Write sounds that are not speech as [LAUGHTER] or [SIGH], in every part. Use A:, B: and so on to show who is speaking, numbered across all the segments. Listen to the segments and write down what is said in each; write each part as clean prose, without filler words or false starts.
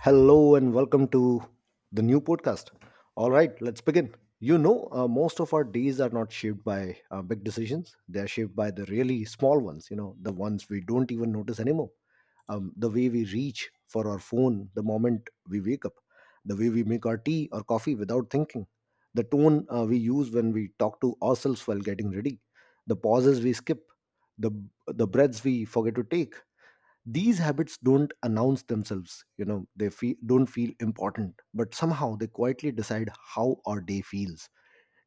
A: Hello and welcome to the new podcast. All right, let's begin. Most of our days are not shaped by big decisions. They are shaped by the really small ones, you know, the ones we don't even notice anymore. The way we reach for our phone the moment we wake up, the way we make our tea or coffee without thinking, the tone we use when we talk to ourselves while getting ready, the pauses we skip, the, the breaths we forget to take. These habits don't announce themselves. You know, they don't feel important, but somehow they quietly decide how our day feels.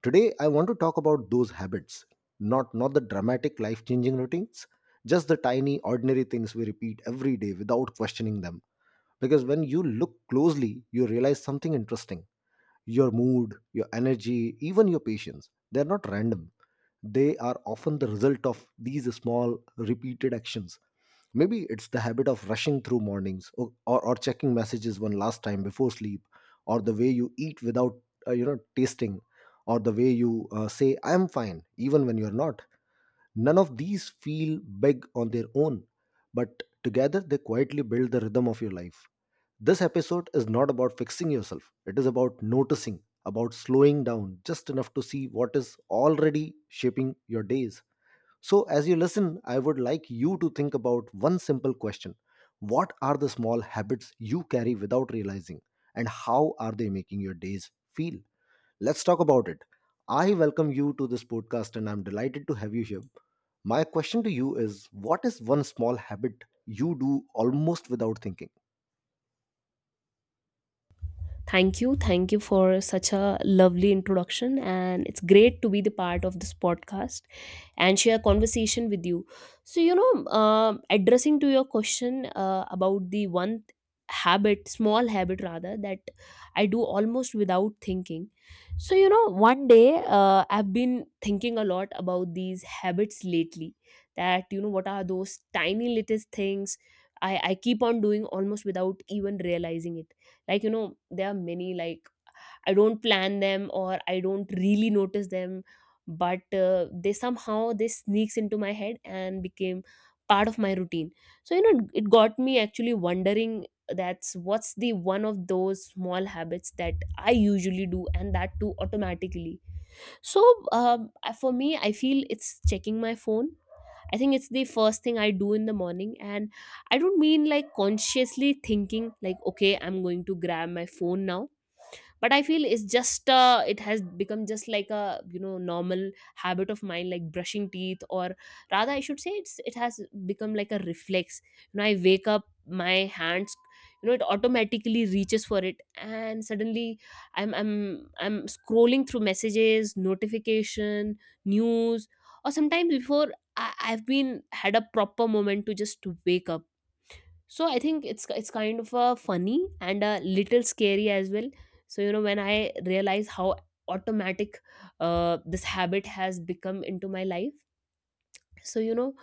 A: Today I want to talk about those habits, not the dramatic life changing routines, just the tiny ordinary things we repeat every day without questioning them. Because when you look closely, you realize something interesting. Your mood, your energy, even your patience, they're not random. They are often the result of these small repeated actions. Maybe it's the habit of rushing through mornings or checking messages one last time before sleep, or the way you eat without, tasting, or the way you say, I'm fine, even when you're not. None of these feel big on their own, but together they quietly build the rhythm of your life. This episode is not about fixing yourself, it is about noticing, about slowing down just enough to see what is already shaping your days. So, as you listen, I would like you to think about one simple question. What are the small habits you carry without realizing, and how are they making your days feel? Let's talk about it. I welcome you to this podcast, and I'm delighted to have you here. My question to you is, what is one small habit you do almost without thinking?
B: Thank you. Thank you for such a lovely introduction. And it's great to be the part of this podcast and share conversation with you. So addressing to your question about the one habit, small habit rather, that I do almost without thinking. So one day, I've been thinking a lot about these habits lately, that you know what are those tiny little things I keep on doing almost without even realizing it. Like, you know, there are many. Like, I don't plan them or I don't really notice them, but they somehow they sneaks into my head and became part of my routine. So you know, it got me actually wondering that's what's the one of those small habits that I usually do and that too automatically. So for me, I feel it's checking my phone. I think it's the first thing I do in the morning. And I don't mean like consciously thinking, like, okay, I'm going to grab my phone now, but I feel it's just, it has become just like a, you know, normal habit of mine like brushing teeth, or rather I should say it's, it has become like a reflex. You know, I wake up, my hands, you know, it automatically reaches for it, and suddenly I'm I'm scrolling through messages, notification, news, or sometimes before I, I've been had a proper moment to just wake up. So I think it's kind of a funny and a little scary as well. So you know, when I realize how automatic this habit has become into my life. so you know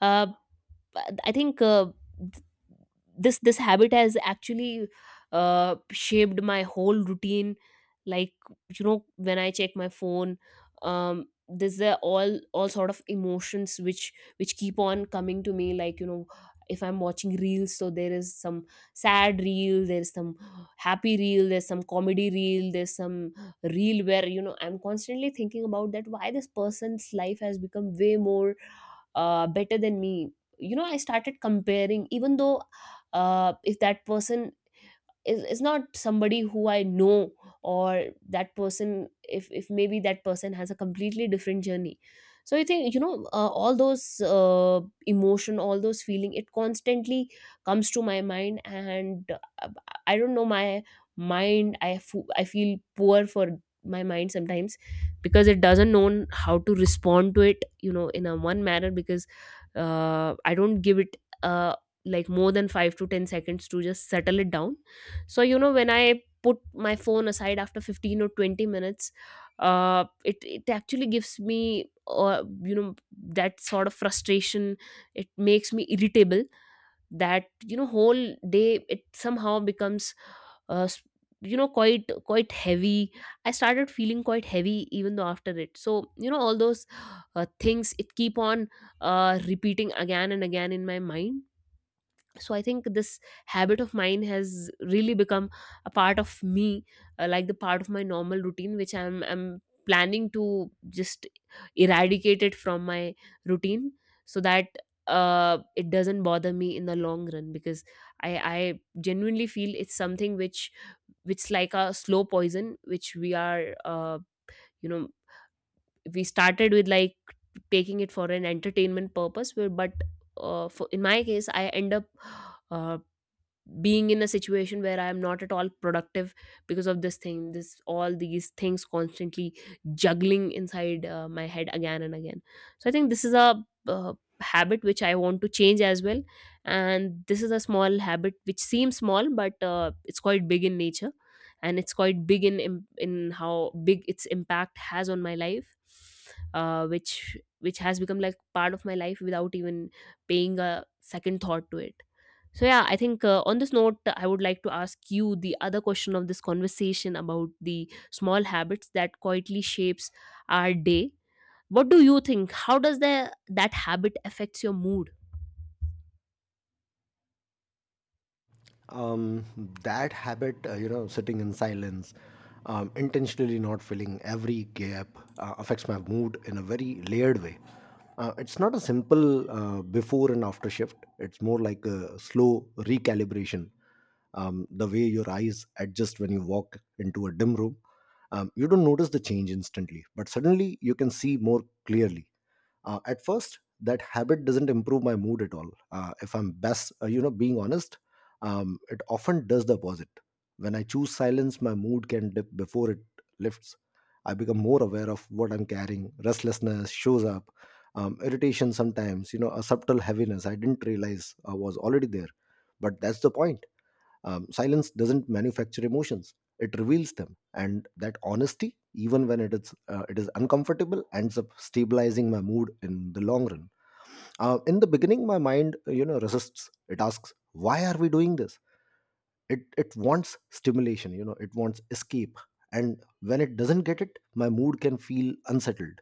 B: uh, i think uh, th- this habit has actually uh, shaped my whole routine. Like, you know, when I check my phone, um there's the all sort of emotions which keep on coming to me. Like, you know, if I'm watching reels, so there is some sad reel, there's some happy reel, there's some comedy reel, there's some reel where, you know, I'm constantly thinking about that why this person's life has become way more better than me. You know, I started comparing, even though, if that person is not somebody who I know, or that person if maybe that person has a completely different journey. So I think, you know, all those emotion, all those feeling, it constantly comes to my mind. And uh, I don't know, my mind, I feel poor for my mind sometimes because it doesn't know how to respond to it, you know, in a one manner. Because I don't give it uh, like more than 5 to 10 seconds to just settle it down. So you know, when I put my phone aside after 15 or 20 minutes, it, it actually gives me, you know, that sort of frustration. It makes me irritable, that you know, whole day it somehow becomes uh, s- you know, quite, quite heavy. I started feeling quite heavy even though after it. So you know, all those things, it keep on repeating again and again in my mind. So I think this habit of mine has really become a part of me, like the part of my normal routine, which I'm planning to just eradicate it from my routine, so that it doesn't bother me in the long run. Because i I genuinely feel it's something which like a slow poison, which we are, you know, we started with like taking it for an entertainment purpose where, but in my case, I end up uh, being in a situation where I am not at all productive because of this thing, this all these things constantly juggling inside my head again and again. So I think this is a, habit which I want to change as well. And this is a small habit which seems small, but it's quite big in nature, and it's quite big in in how big its impact has on my life, which has become like part of my life without even paying a second thought to it. So yeah, I think, on this note, I would like to ask you the other question of this conversation about the small habits that quietly shapes our day. What do you think? How does the that habit affects your mood?
A: um, that habit, sitting in silence, intentionally not filling every gap, affects my mood in a very layered way. It's not a simple before and after shift. It's more like a slow recalibration. The way your eyes adjust when you walk into a dim room, you don't notice the change instantly, but suddenly you can see more clearly. At first, that habit doesn't improve my mood at all, if I'm best, being honest. It often does the opposite. When I choose silence, my mood can dip before it lifts. I become more aware of what I'm carrying. Restlessness shows up, irritation sometimes, you know, a subtle heaviness I didn't realize was already there. But that's the point. Silence doesn't manufacture emotions; it reveals them, and that honesty, even when it is uncomfortable, ends up stabilizing my mood in the long run. In the beginning, my mind, resists. It asks, "Why are we doing this?" It wants stimulation. You know, it wants escape, and when it doesn't get it, my mood can feel unsettled,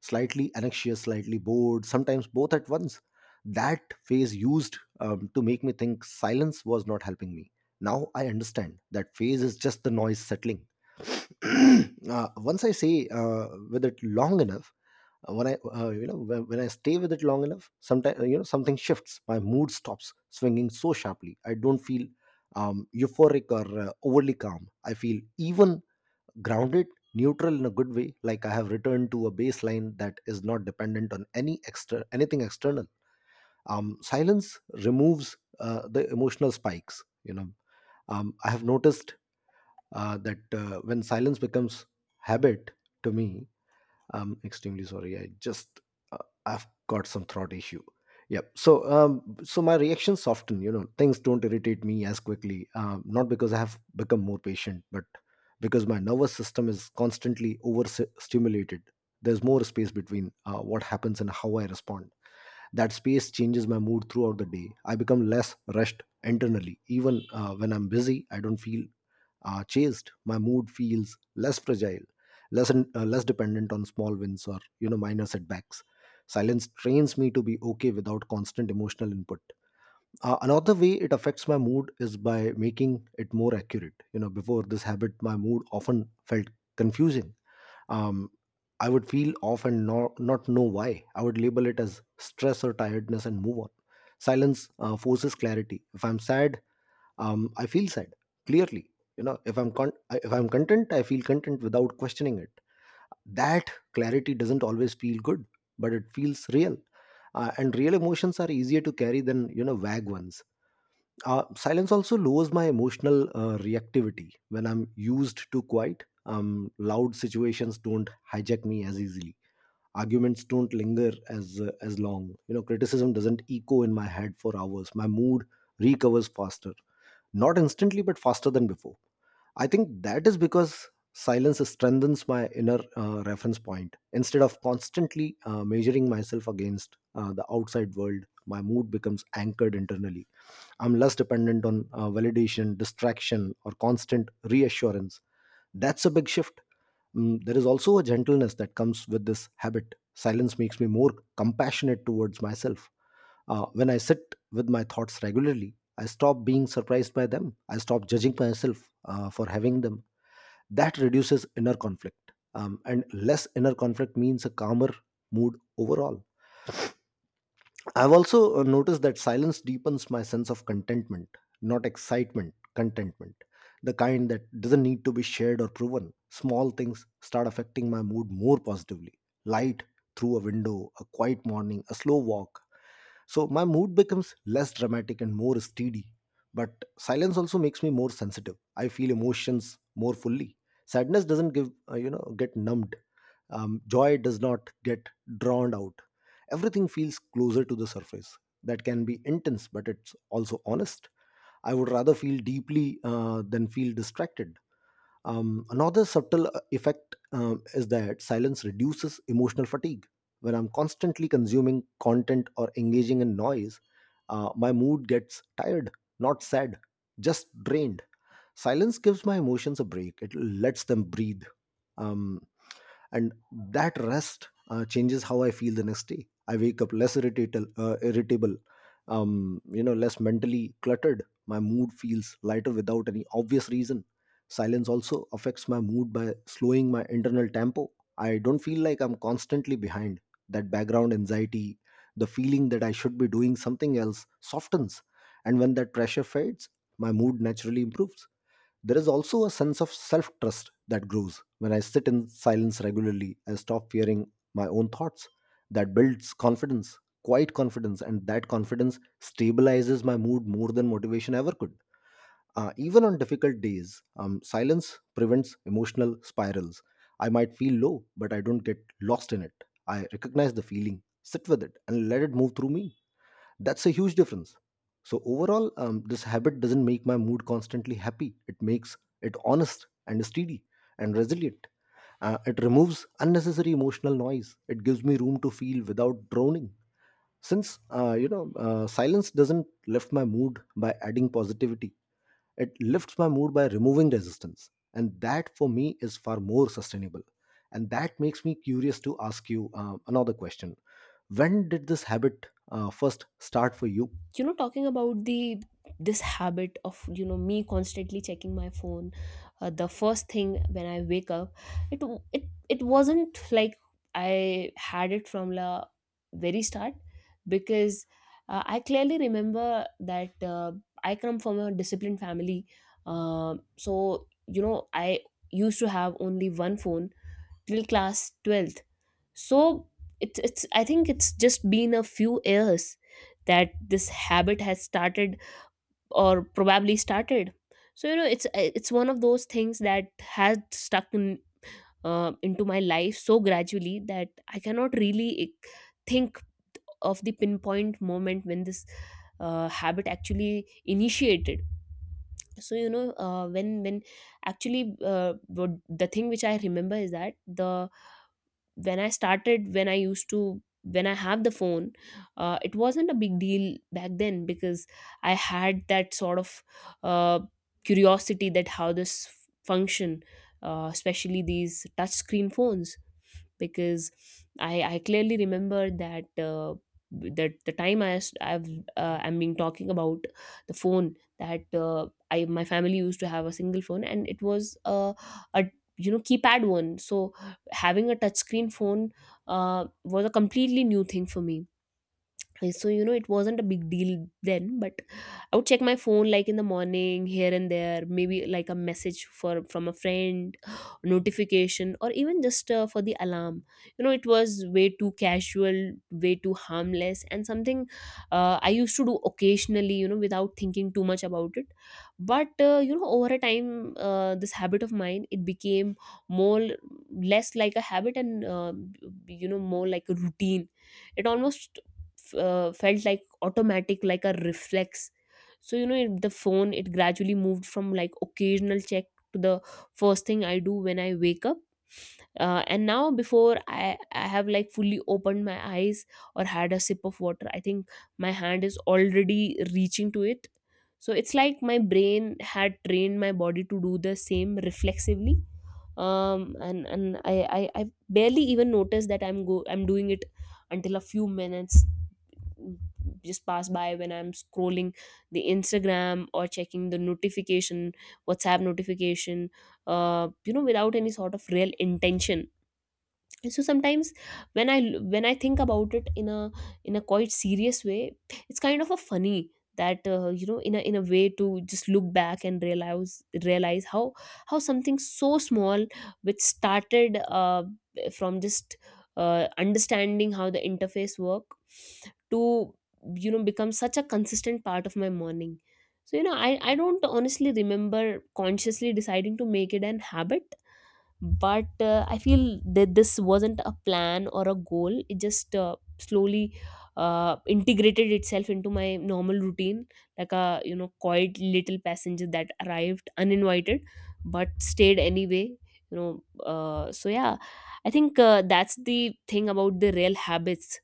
A: slightly anxious, slightly bored, sometimes both at once. That phase used to make me think silence was not helping me. Now I understand that phase is just the noise settling. [CLEARS THROAT] Once I say with it long enough, When I when I stay with it long enough, sometimes, you know, something shifts. My mood stops swinging so sharply. I don't feel euphoric or overly calm. I feel even, grounded, neutral, in a good way, like I have returned to a baseline that is not dependent on any extra anything external. Silence removes the emotional spikes, you know. I have noticed that when silence becomes habit to me. I'm extremely sorry. I just, uh, I've got some throat issue. Yep. So so my reactions soften. You know, things don't irritate me as quickly. Not because I have become more patient, but because my nervous system is constantly overstimulated. There's more space between what happens and how I respond. That space changes my mood throughout the day. I become less rushed internally. Even when I'm busy, I don't feel are chased, my mood feels less fragile, less dependent on small wins or, you know, minor setbacks. Silence trains me to be okay without constant emotional input. Another way it affects my mood is by making it more accurate. You know, before this habit, my mood often felt confusing. Um, I would feel off and not know why. I would label it as stress or tiredness and move on. Silence forces clarity. If I'm sad, I feel sad clearly. You know, if I'm content, I feel content without questioning it. That clarity doesn't always feel good, but it feels real. And real emotions are easier to carry than, you know, vague ones. Silence also lowers my emotional reactivity when I'm used to quiet. Loud situations don't hijack me as easily. Arguments don't linger as long. You know, criticism doesn't echo in my head for hours. My mood recovers faster, not instantly, but faster than before. I think that is because silence strengthens my inner reference point. Instead of constantly measuring myself against the outside world, my mood becomes anchored internally. I'm less dependent on validation, distraction, or constant reassurance. That's a big shift. Mm, there is also a gentleness that comes with this habit. Silence makes me more compassionate towards myself. When I sit with my thoughts regularly, I stop being surprised by them. I stop judging myself for having them. That reduces inner conflict. And less inner conflict means a calmer mood overall. I've also noticed that silence deepens my sense of contentment, not excitement, contentment, the kind that doesn't need to be shared or proven. Small things start affecting my mood more positively. Light through a window, a quiet morning, a slow walk, so my mood becomes less dramatic and more steady. But silence also makes me more sensitive. I feel emotions more fully. Sadness doesn't get numbed. Joy does not get drowned out. Everything feels closer to the surface. That can be intense, but it's also honest. I would rather feel deeply than feel distracted. Another subtle effect is that silence reduces emotional fatigue. When I'm constantly consuming content or engaging in noise, my mood gets tired, not sad, just drained. Silence gives my emotions a break, it lets them breathe. Um, and that rest changes how I feel the next day. I wake up less irritable, you know, less mentally cluttered. My mood feels lighter without any obvious reason. Silence also affects my mood by slowing my internal tempo. I don't feel like I'm constantly behind. That background anxiety, the feeling that I should be doing something else, softens, and when that pressure fades, my mood naturally improves. There is also a sense of self trust that grows. When I sit in silence regularly, I stop fearing my own thoughts. That builds confidence, quiet confidence, and that confidence stabilizes my mood more than motivation ever could. Even on difficult days, silence prevents emotional spirals. I might feel low, but I don't get lost in it. I recognize the feeling, sit with it, and let it move through me. That's a huge difference. So overall, this habit doesn't make my mood constantly happy. It makes it honest and steady and resilient. It removes unnecessary emotional noise. It gives me room to feel without drowning. Since silence doesn't lift my mood by adding positivity. It lifts my mood by removing resistance, and that for me is far more sustainable. And that makes me curious to ask you another question. When did this habit first start for you?
B: You know, talking about the, this habit of, you know, me constantly checking my phone, the first thing when I wake up, it wasn't like I had it from the very start. Because I clearly remember that, I come from a disciplined family. So you know, I used to have only one phone till class 12th. So it's I think it's just been a few years that this habit has started, or probably started. So you know, it's one of those things that has stuck in, into my life so gradually that I cannot really think of the pinpoint moment when this habit actually initiated. So you know, when actually the thing which I remember is that the, when I started when I used to when I have the phone, it wasn't a big deal back then. Because I had that sort of uh, curiosity that how this function, especially these touch screen phones. Because I clearly remember that. That the time I, s- I've, I'm been talking about the phone, that I, my family used to have a single phone, and it was a, you know, keypad one. So having a touchscreen phone was a completely new thing for me. So you know, it wasn't a big deal then, but I would check my phone like in the morning here and there, maybe like a message for from a friend, notification, or even just for the alarm. You know, it was way too casual, way too harmless, and something I used to do occasionally, you know, without thinking too much about it. But you know, over a time, this habit of mine, it became more less like a habit, and you know, more like a routine. It almost felt like automatic, like a reflex. So you know, it, the phone, it gradually moved from like occasional check to the first thing I do when I wake up. Uh, and now, before I have like fully opened my eyes or had a sip of water, I think my hand is already reaching to it. So it's like my brain had trained my body to do the same reflexively. um and and i I barely even notice that I'm doing it until a few minutes just pass by, when I'm scrolling the Instagram or checking the notification, WhatsApp notification, you know, without any sort of real intention. So sometimes, when I when I think about it in a, in a quite serious way, it's kind of a funny that, you know, in a, in a way to just look back and realize how something so small, which started from just understanding how the interface work, to, you know, become such a consistent part of my morning. So you know, I don't honestly remember consciously deciding to make it an habit. But I feel that this wasn't a plan or a goal. It just slowly integrated itself into my normal routine, like a, you know, quiet little passenger that arrived uninvited but stayed anyway. You know, so yeah, I think, that's the thing about the real habits,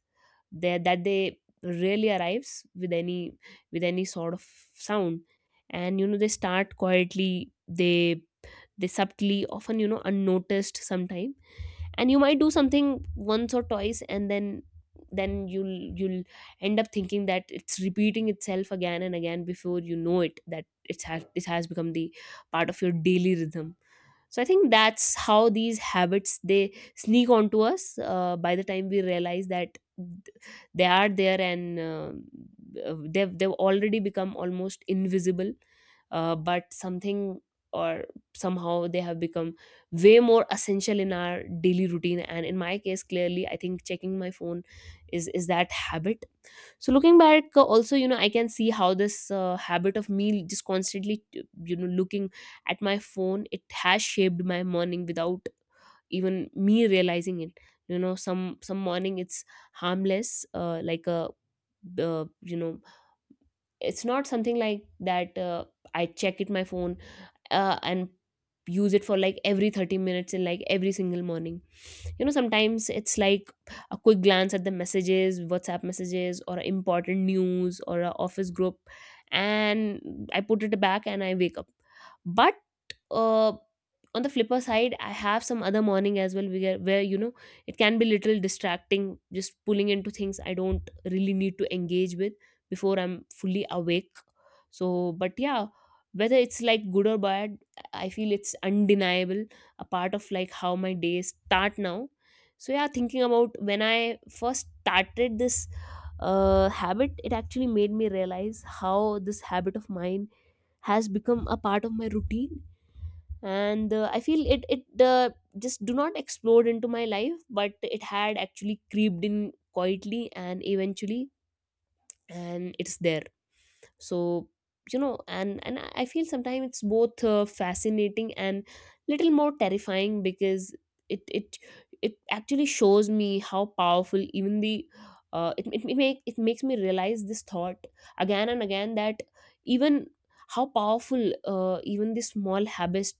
B: there that they really arrives with any, with any sort of sound. And you know, they start quietly, they subtly, often, you know, unnoticed sometime. And you might do something once or twice, and then you'll end up thinking that it's repeating itself again and again, before you know it, that it has become the part of your daily rhythm. So I think that's how these habits, they sneak onto us, by the time we realize that they are there, and they've already become almost invisible. But something, or somehow, they have become way more essential in our daily routine. And in my case, clearly, I think checking my phone is that habit. So looking back, also, you know, I can see how this habit of me just constantly, you know, looking at my phone, it has shaped my morning without even me realizing it. You know, some morning it's harmless, like a, you know, it's not something like that, I check it my phone, and use it for like every 30 minutes and like every single morning. You know, sometimes it's like a quick glance at the messages, WhatsApp messages or important news or a office group, and I put it back and I wake up. But uh, on the flipper side I have some other morning as well, where you know, it can be little distracting, just pulling into things I don't really need to engage with before I'm fully awake. So but yeah, whether it's like good or bad, I feel it's undeniable, a part of like how my days start now. So yeah, thinking about when I first started this habit, it actually made me realize how this habit of mine has become a part of my routine. And I feel it just do not explode into my life, but it had actually creeped in quietly and eventually, and it's there. So you know, and I feel sometimes it's both fascinating and little more terrifying because it it actually shows me how powerful even the it makes me realize this thought again and again that even how powerful even the small habits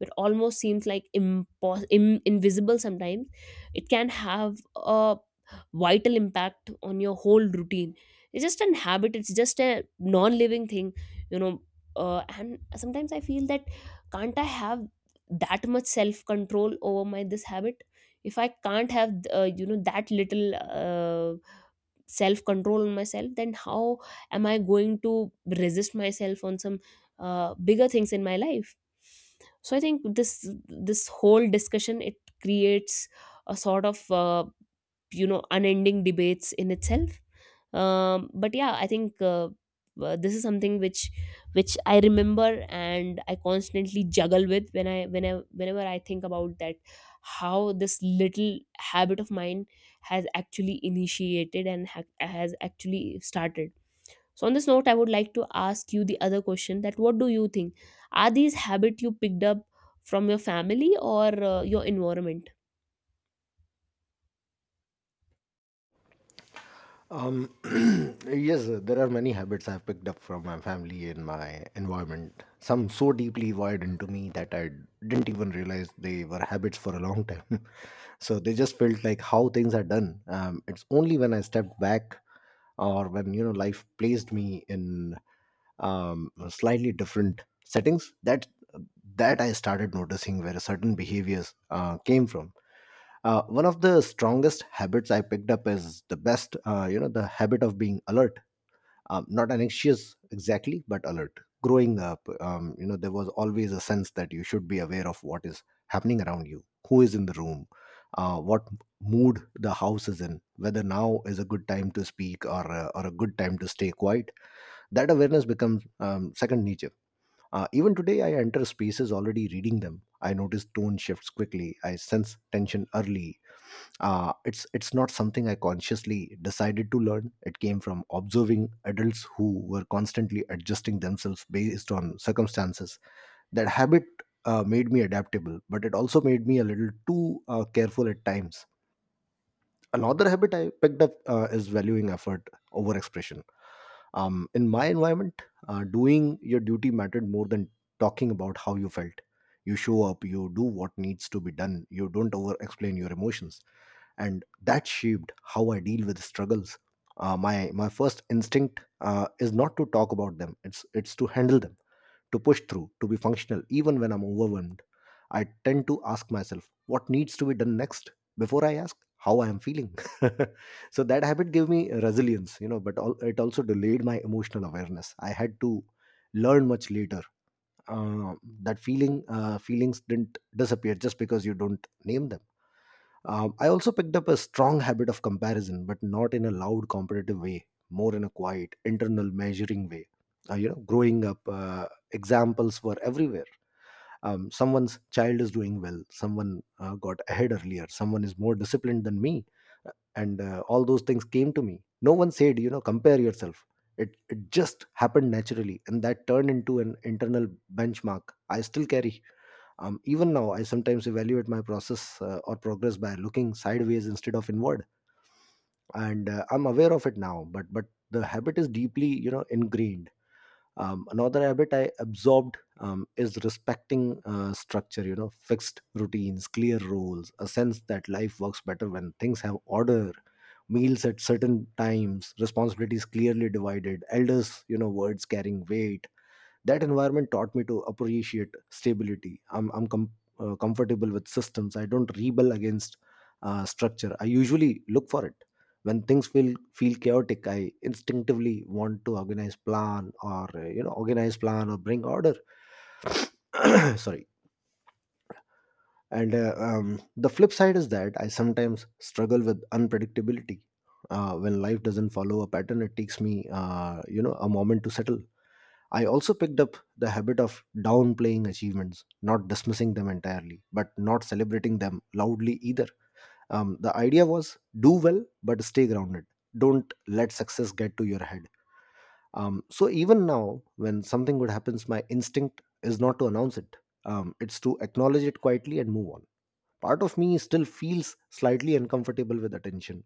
B: that almost seems like invisible sometimes, it can have a vital impact on your whole routine. It's just an habit, it's just a non-living thing, you know. And sometimes I feel that can't I have that much self control over my this habit. If I can't have you know that little uh, self control on myself, then how am I going to resist myself on some bigger things in my life. So I think this whole discussion, it creates a sort of you know unending debates in itself. But yeah, I think this is something which I remember and I constantly juggle with whenever I think about that, how this little habit of mine has actually initiated and has actually started. So on this note, I would like to ask you the other question, that what do you think, are these habits you picked up from your family or your environment?
A: Um, [CLEARS THROAT] yes, there are many habits I've picked up from my family and my environment. Some so deeply wired into me that I didn't even realize they were habits for a long time. [LAUGHS] So they just felt like how things are done. It's only when I stepped back or when, you know, life placed me in slightly different settings that I started noticing where certain behaviors came from. Uh, one of the strongest habits I picked up is the best, the habit of being alert. Not anxious exactly, but alert. Growing up, you know, there was always a sense that you should be aware of what is happening around you, who is in the room, what mood the house is in, whether now is a good time to speak or or a good time to stay quiet. That awareness becomes second nature. Even today, I enter spaces already reading them. I notice tone shifts quickly. I sense tension early. It's not something I consciously decided to learn. It came from observing adults who were constantly adjusting themselves based on circumstances. That habit made me adaptable, but it also made me a little too careful at times. Another habit I picked up is valuing effort over expression. In my environment, doing your duty mattered more than talking about how you felt. You show up, you do what needs to be done, you don't over explain your emotions. And that shaped how I deal with struggles. My first instinct is not to talk about them, it's to handle them, to push through, to be functional even when I'm overwhelmed. I tend to ask myself what needs to be done next before I ask how I am feeling. [LAUGHS] So that habit gave me resilience, you know, but it also delayed my emotional awareness. I had to learn much later uh, that feelings didn't disappear just because you don't name them. I also picked up a strong habit of comparison, but not in a loud competitive way, more in a quiet, internal, measuring way. You know, growing up, examples were everywhere. Someone's child is doing well, someone got ahead earlier, someone is more disciplined than me, and all those things came to me. No one said, you know, compare yourself. It just happened naturally, and that turned into an internal benchmark I still carry. Even now, I sometimes evaluate my process or progress by looking sideways instead of inward, and I'm aware of it now. But the habit is deeply, you know, ingrained. Another habit I absorbed is respecting structure. You know, fixed routines, clear roles, a sense that life works better when things have order, meals at certain times, responsibilities clearly divided, elders, you know, words carrying weight. That environment taught me to appreciate stability. I'm comfortable with systems. I don't rebel against structure, I usually look for it. When things feel chaotic, I instinctively want to organize, plan, or organize, plan, or bring order. [COUGHS] [CLEARS THROAT] Sorry. And the flip side is that I sometimes struggle with unpredictability. When life doesn't follow a pattern, it takes me a moment to settle. I also picked up the habit of downplaying achievements, not dismissing them entirely, but not celebrating them loudly either. The idea was do well, but stay grounded. Don't let success get to your head. So even now, when something good happens, my instinct is not to announce it. It's to acknowledge it quietly and move on. Part of me still feels slightly uncomfortable with attention.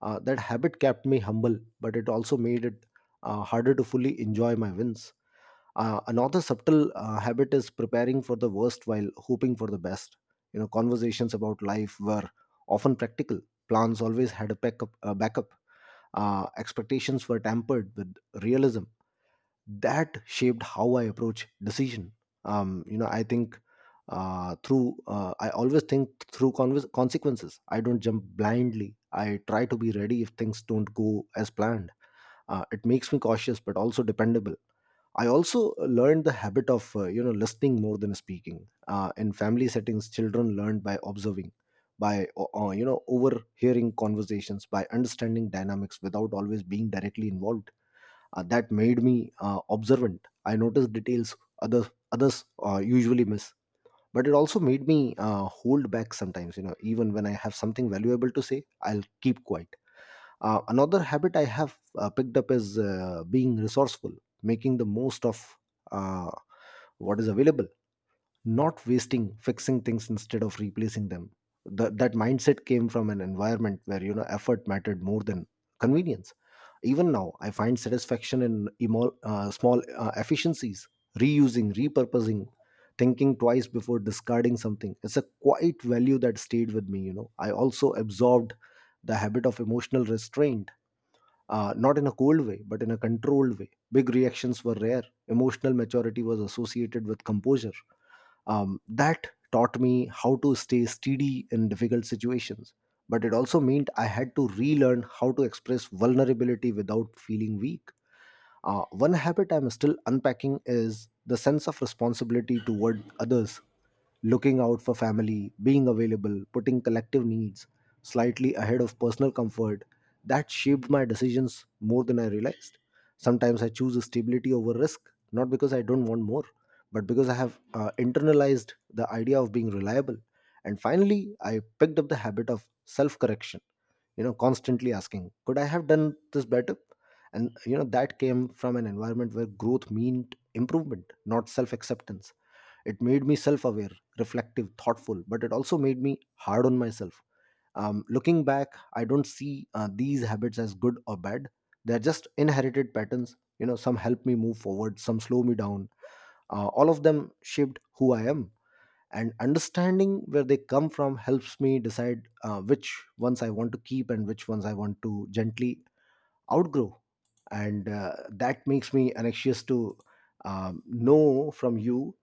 A: That habit kept me humble, but it also made it harder to fully enjoy my wins. Another subtle habit is preparing for the worst while hoping for the best. You know, conversations about life were often practical. Plans always had a backup. A backup. Expectations were tampered with realism. That shaped how I approach decision. You know, I think through. I always think through convers consequences. I don't jump blindly. I try to be ready if things don't go as planned. It makes me cautious but also dependable. I also learned the habit of, you know, listening more than speaking. In family settings, children learn by observing, by overhearing conversations, by understanding dynamics without always being directly involved. That made me observant. I noticed details others usually miss. But it also made me hold back sometimes. You know, even when I have something valuable to say, I'll keep quiet. Another habit I have picked up is being resourceful, making the most of uh, what is available, not wasting, fixing things instead of replacing them. That mindset came from an environment where, you know, effort mattered more than convenience. Even now, I find satisfaction in small efficiencies, reusing, repurposing, thinking twice before discarding something. It's a quite value that stayed with me. You know, I also absorbed the habit of emotional restraint, not in a cold way, but in a controlled way. Big reactions were rare. Emotional maturity was associated with composure. That taught me how to stay steady in difficult situations. But it also meant I had to relearn how to express vulnerability without feeling weak. One habit I'm still unpacking is the sense of responsibility toward others, looking out for family, being available, putting collective needs slightly ahead of personal comfort. That shaped my decisions more than I realized. Sometimes I choose stability over risk, not because I don't want more, but because I have internalized the idea of being reliable. And finally, I picked up the habit of self correction, you know, constantly asking, could I have done this better? And, you know, that came from an environment where growth meant improvement, not self acceptance. It made me self aware, reflective, thoughtful, but it also made me hard on myself. Looking back, I don't see these habits as good or bad. They're just inherited patterns, you know. Some help me move forward, some slow me down. All of them shaped who I am, and understanding where they come from helps me decide which ones I want to keep and which ones I want to gently outgrow. And that makes me anxious to, know from you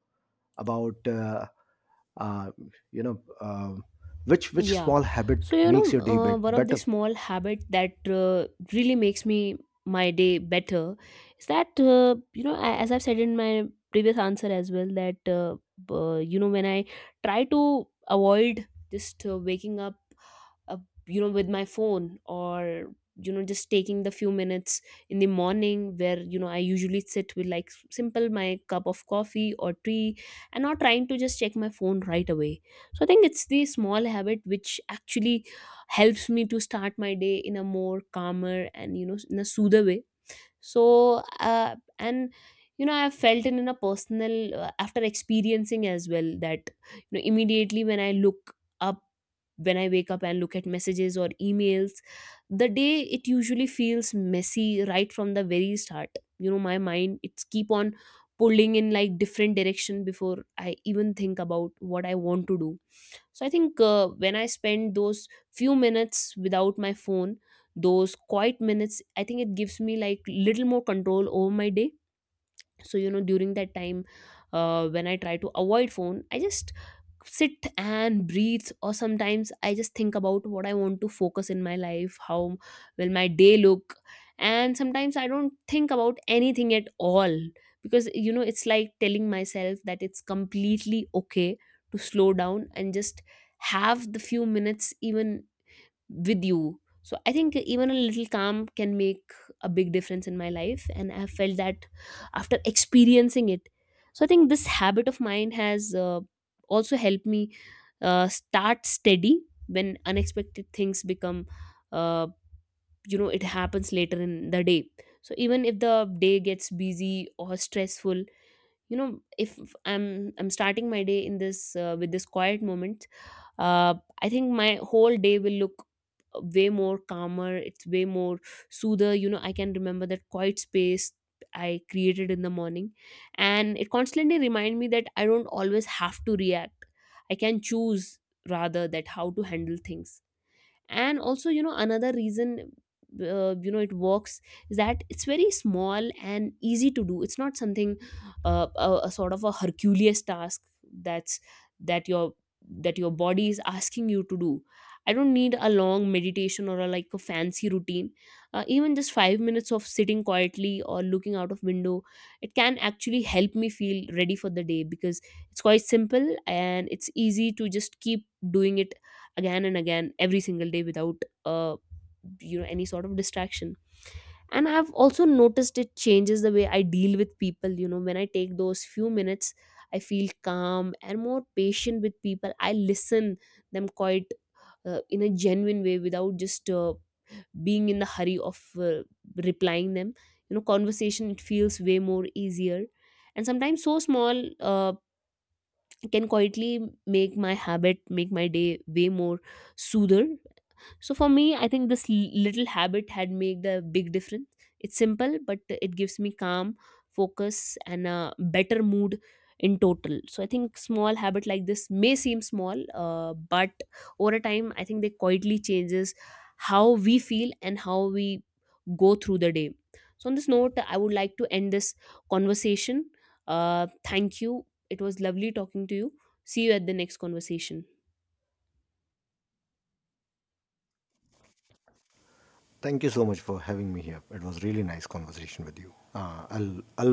A: about uh, you know um which
B: Yeah.
A: small habit
B: So, you
A: makes
B: know,
A: your day bit
B: one of the
A: better.
B: small habit that really makes me my day better is that, you know, I, as I've said in my previous answer as well, that, you know, when I try to avoid just waking up, uh, you know, with my phone or, you know, just taking the few minutes in the morning where, you know, I usually sit with like simple my cup of coffee or tea and not trying to just check my phone right away. So I think it's the small habit which actually helps me to start my day in a more calmer and you know in a soother way. So and you know, I've felt it in a personal after experiencing as well that you know, immediately when I look up, when I wake up and look at messages or emails, the day it usually feels messy right from the very start. You know, my mind it's keep on pulling in like different direction before I even think about what I want to do. So I think when I spend those few minutes without my phone, those quiet minutes, I think it gives me like little more control over my day. So you know, during that time, when I try to avoid phone, I just sit and breathe, or sometimes I just think about what I want to focus in my life, how will my day look. And sometimes I don't think about anything at all, because you know, it's like telling myself that it's completely okay to slow down and just have the few minutes even with you. So I think even a little calm can make a big difference in my life, and I have felt that after experiencing it. So I think this habit of mine has also helped me start steady when unexpected things become, uh, you know, it happens later in the day. So even if the day gets busy or stressful, you know, if I'm starting my day in this with this quiet moment, uh, I think my whole day will look way more calmer, it's way more soother. You know, I can remember that quiet space I created in the morning, and it constantly remind me that I don't always have to react, I can choose rather that how to handle things. And also you know, another reason you know it works is that it's very small and easy to do. It's not something a sort of a Herculean task that's that your that your body is asking you to do. I don't need a long meditation or like a fancy routine. Even just 5 minutes of sitting quietly or looking out of window, it can actually help me feel ready for the day, because it's quite simple and it's easy to just keep doing it again and again every single day without uh, you know any sort of distraction. And I've also noticed it changes the way I deal with people. You know, when I take those few minutes, I feel calm and more patient with people, I listen them quite in a genuine way without just being in the hurry of replying them. You know, conversation it feels way more easier. And sometimes so small can quietly make my habit make my day way more soother. So for me I think this little habit had made the big difference. It's simple but it gives me calm, focus, and a better mood in total. So I think small habit like this may seem small, but over time I think they quietly changes how we feel and how we go through the day. So on this note I would like to end this conversation. Thank you. It was lovely talking to you. See you at the next conversation.
A: Thank you so much for having me here. It was really nice conversation with you. I'll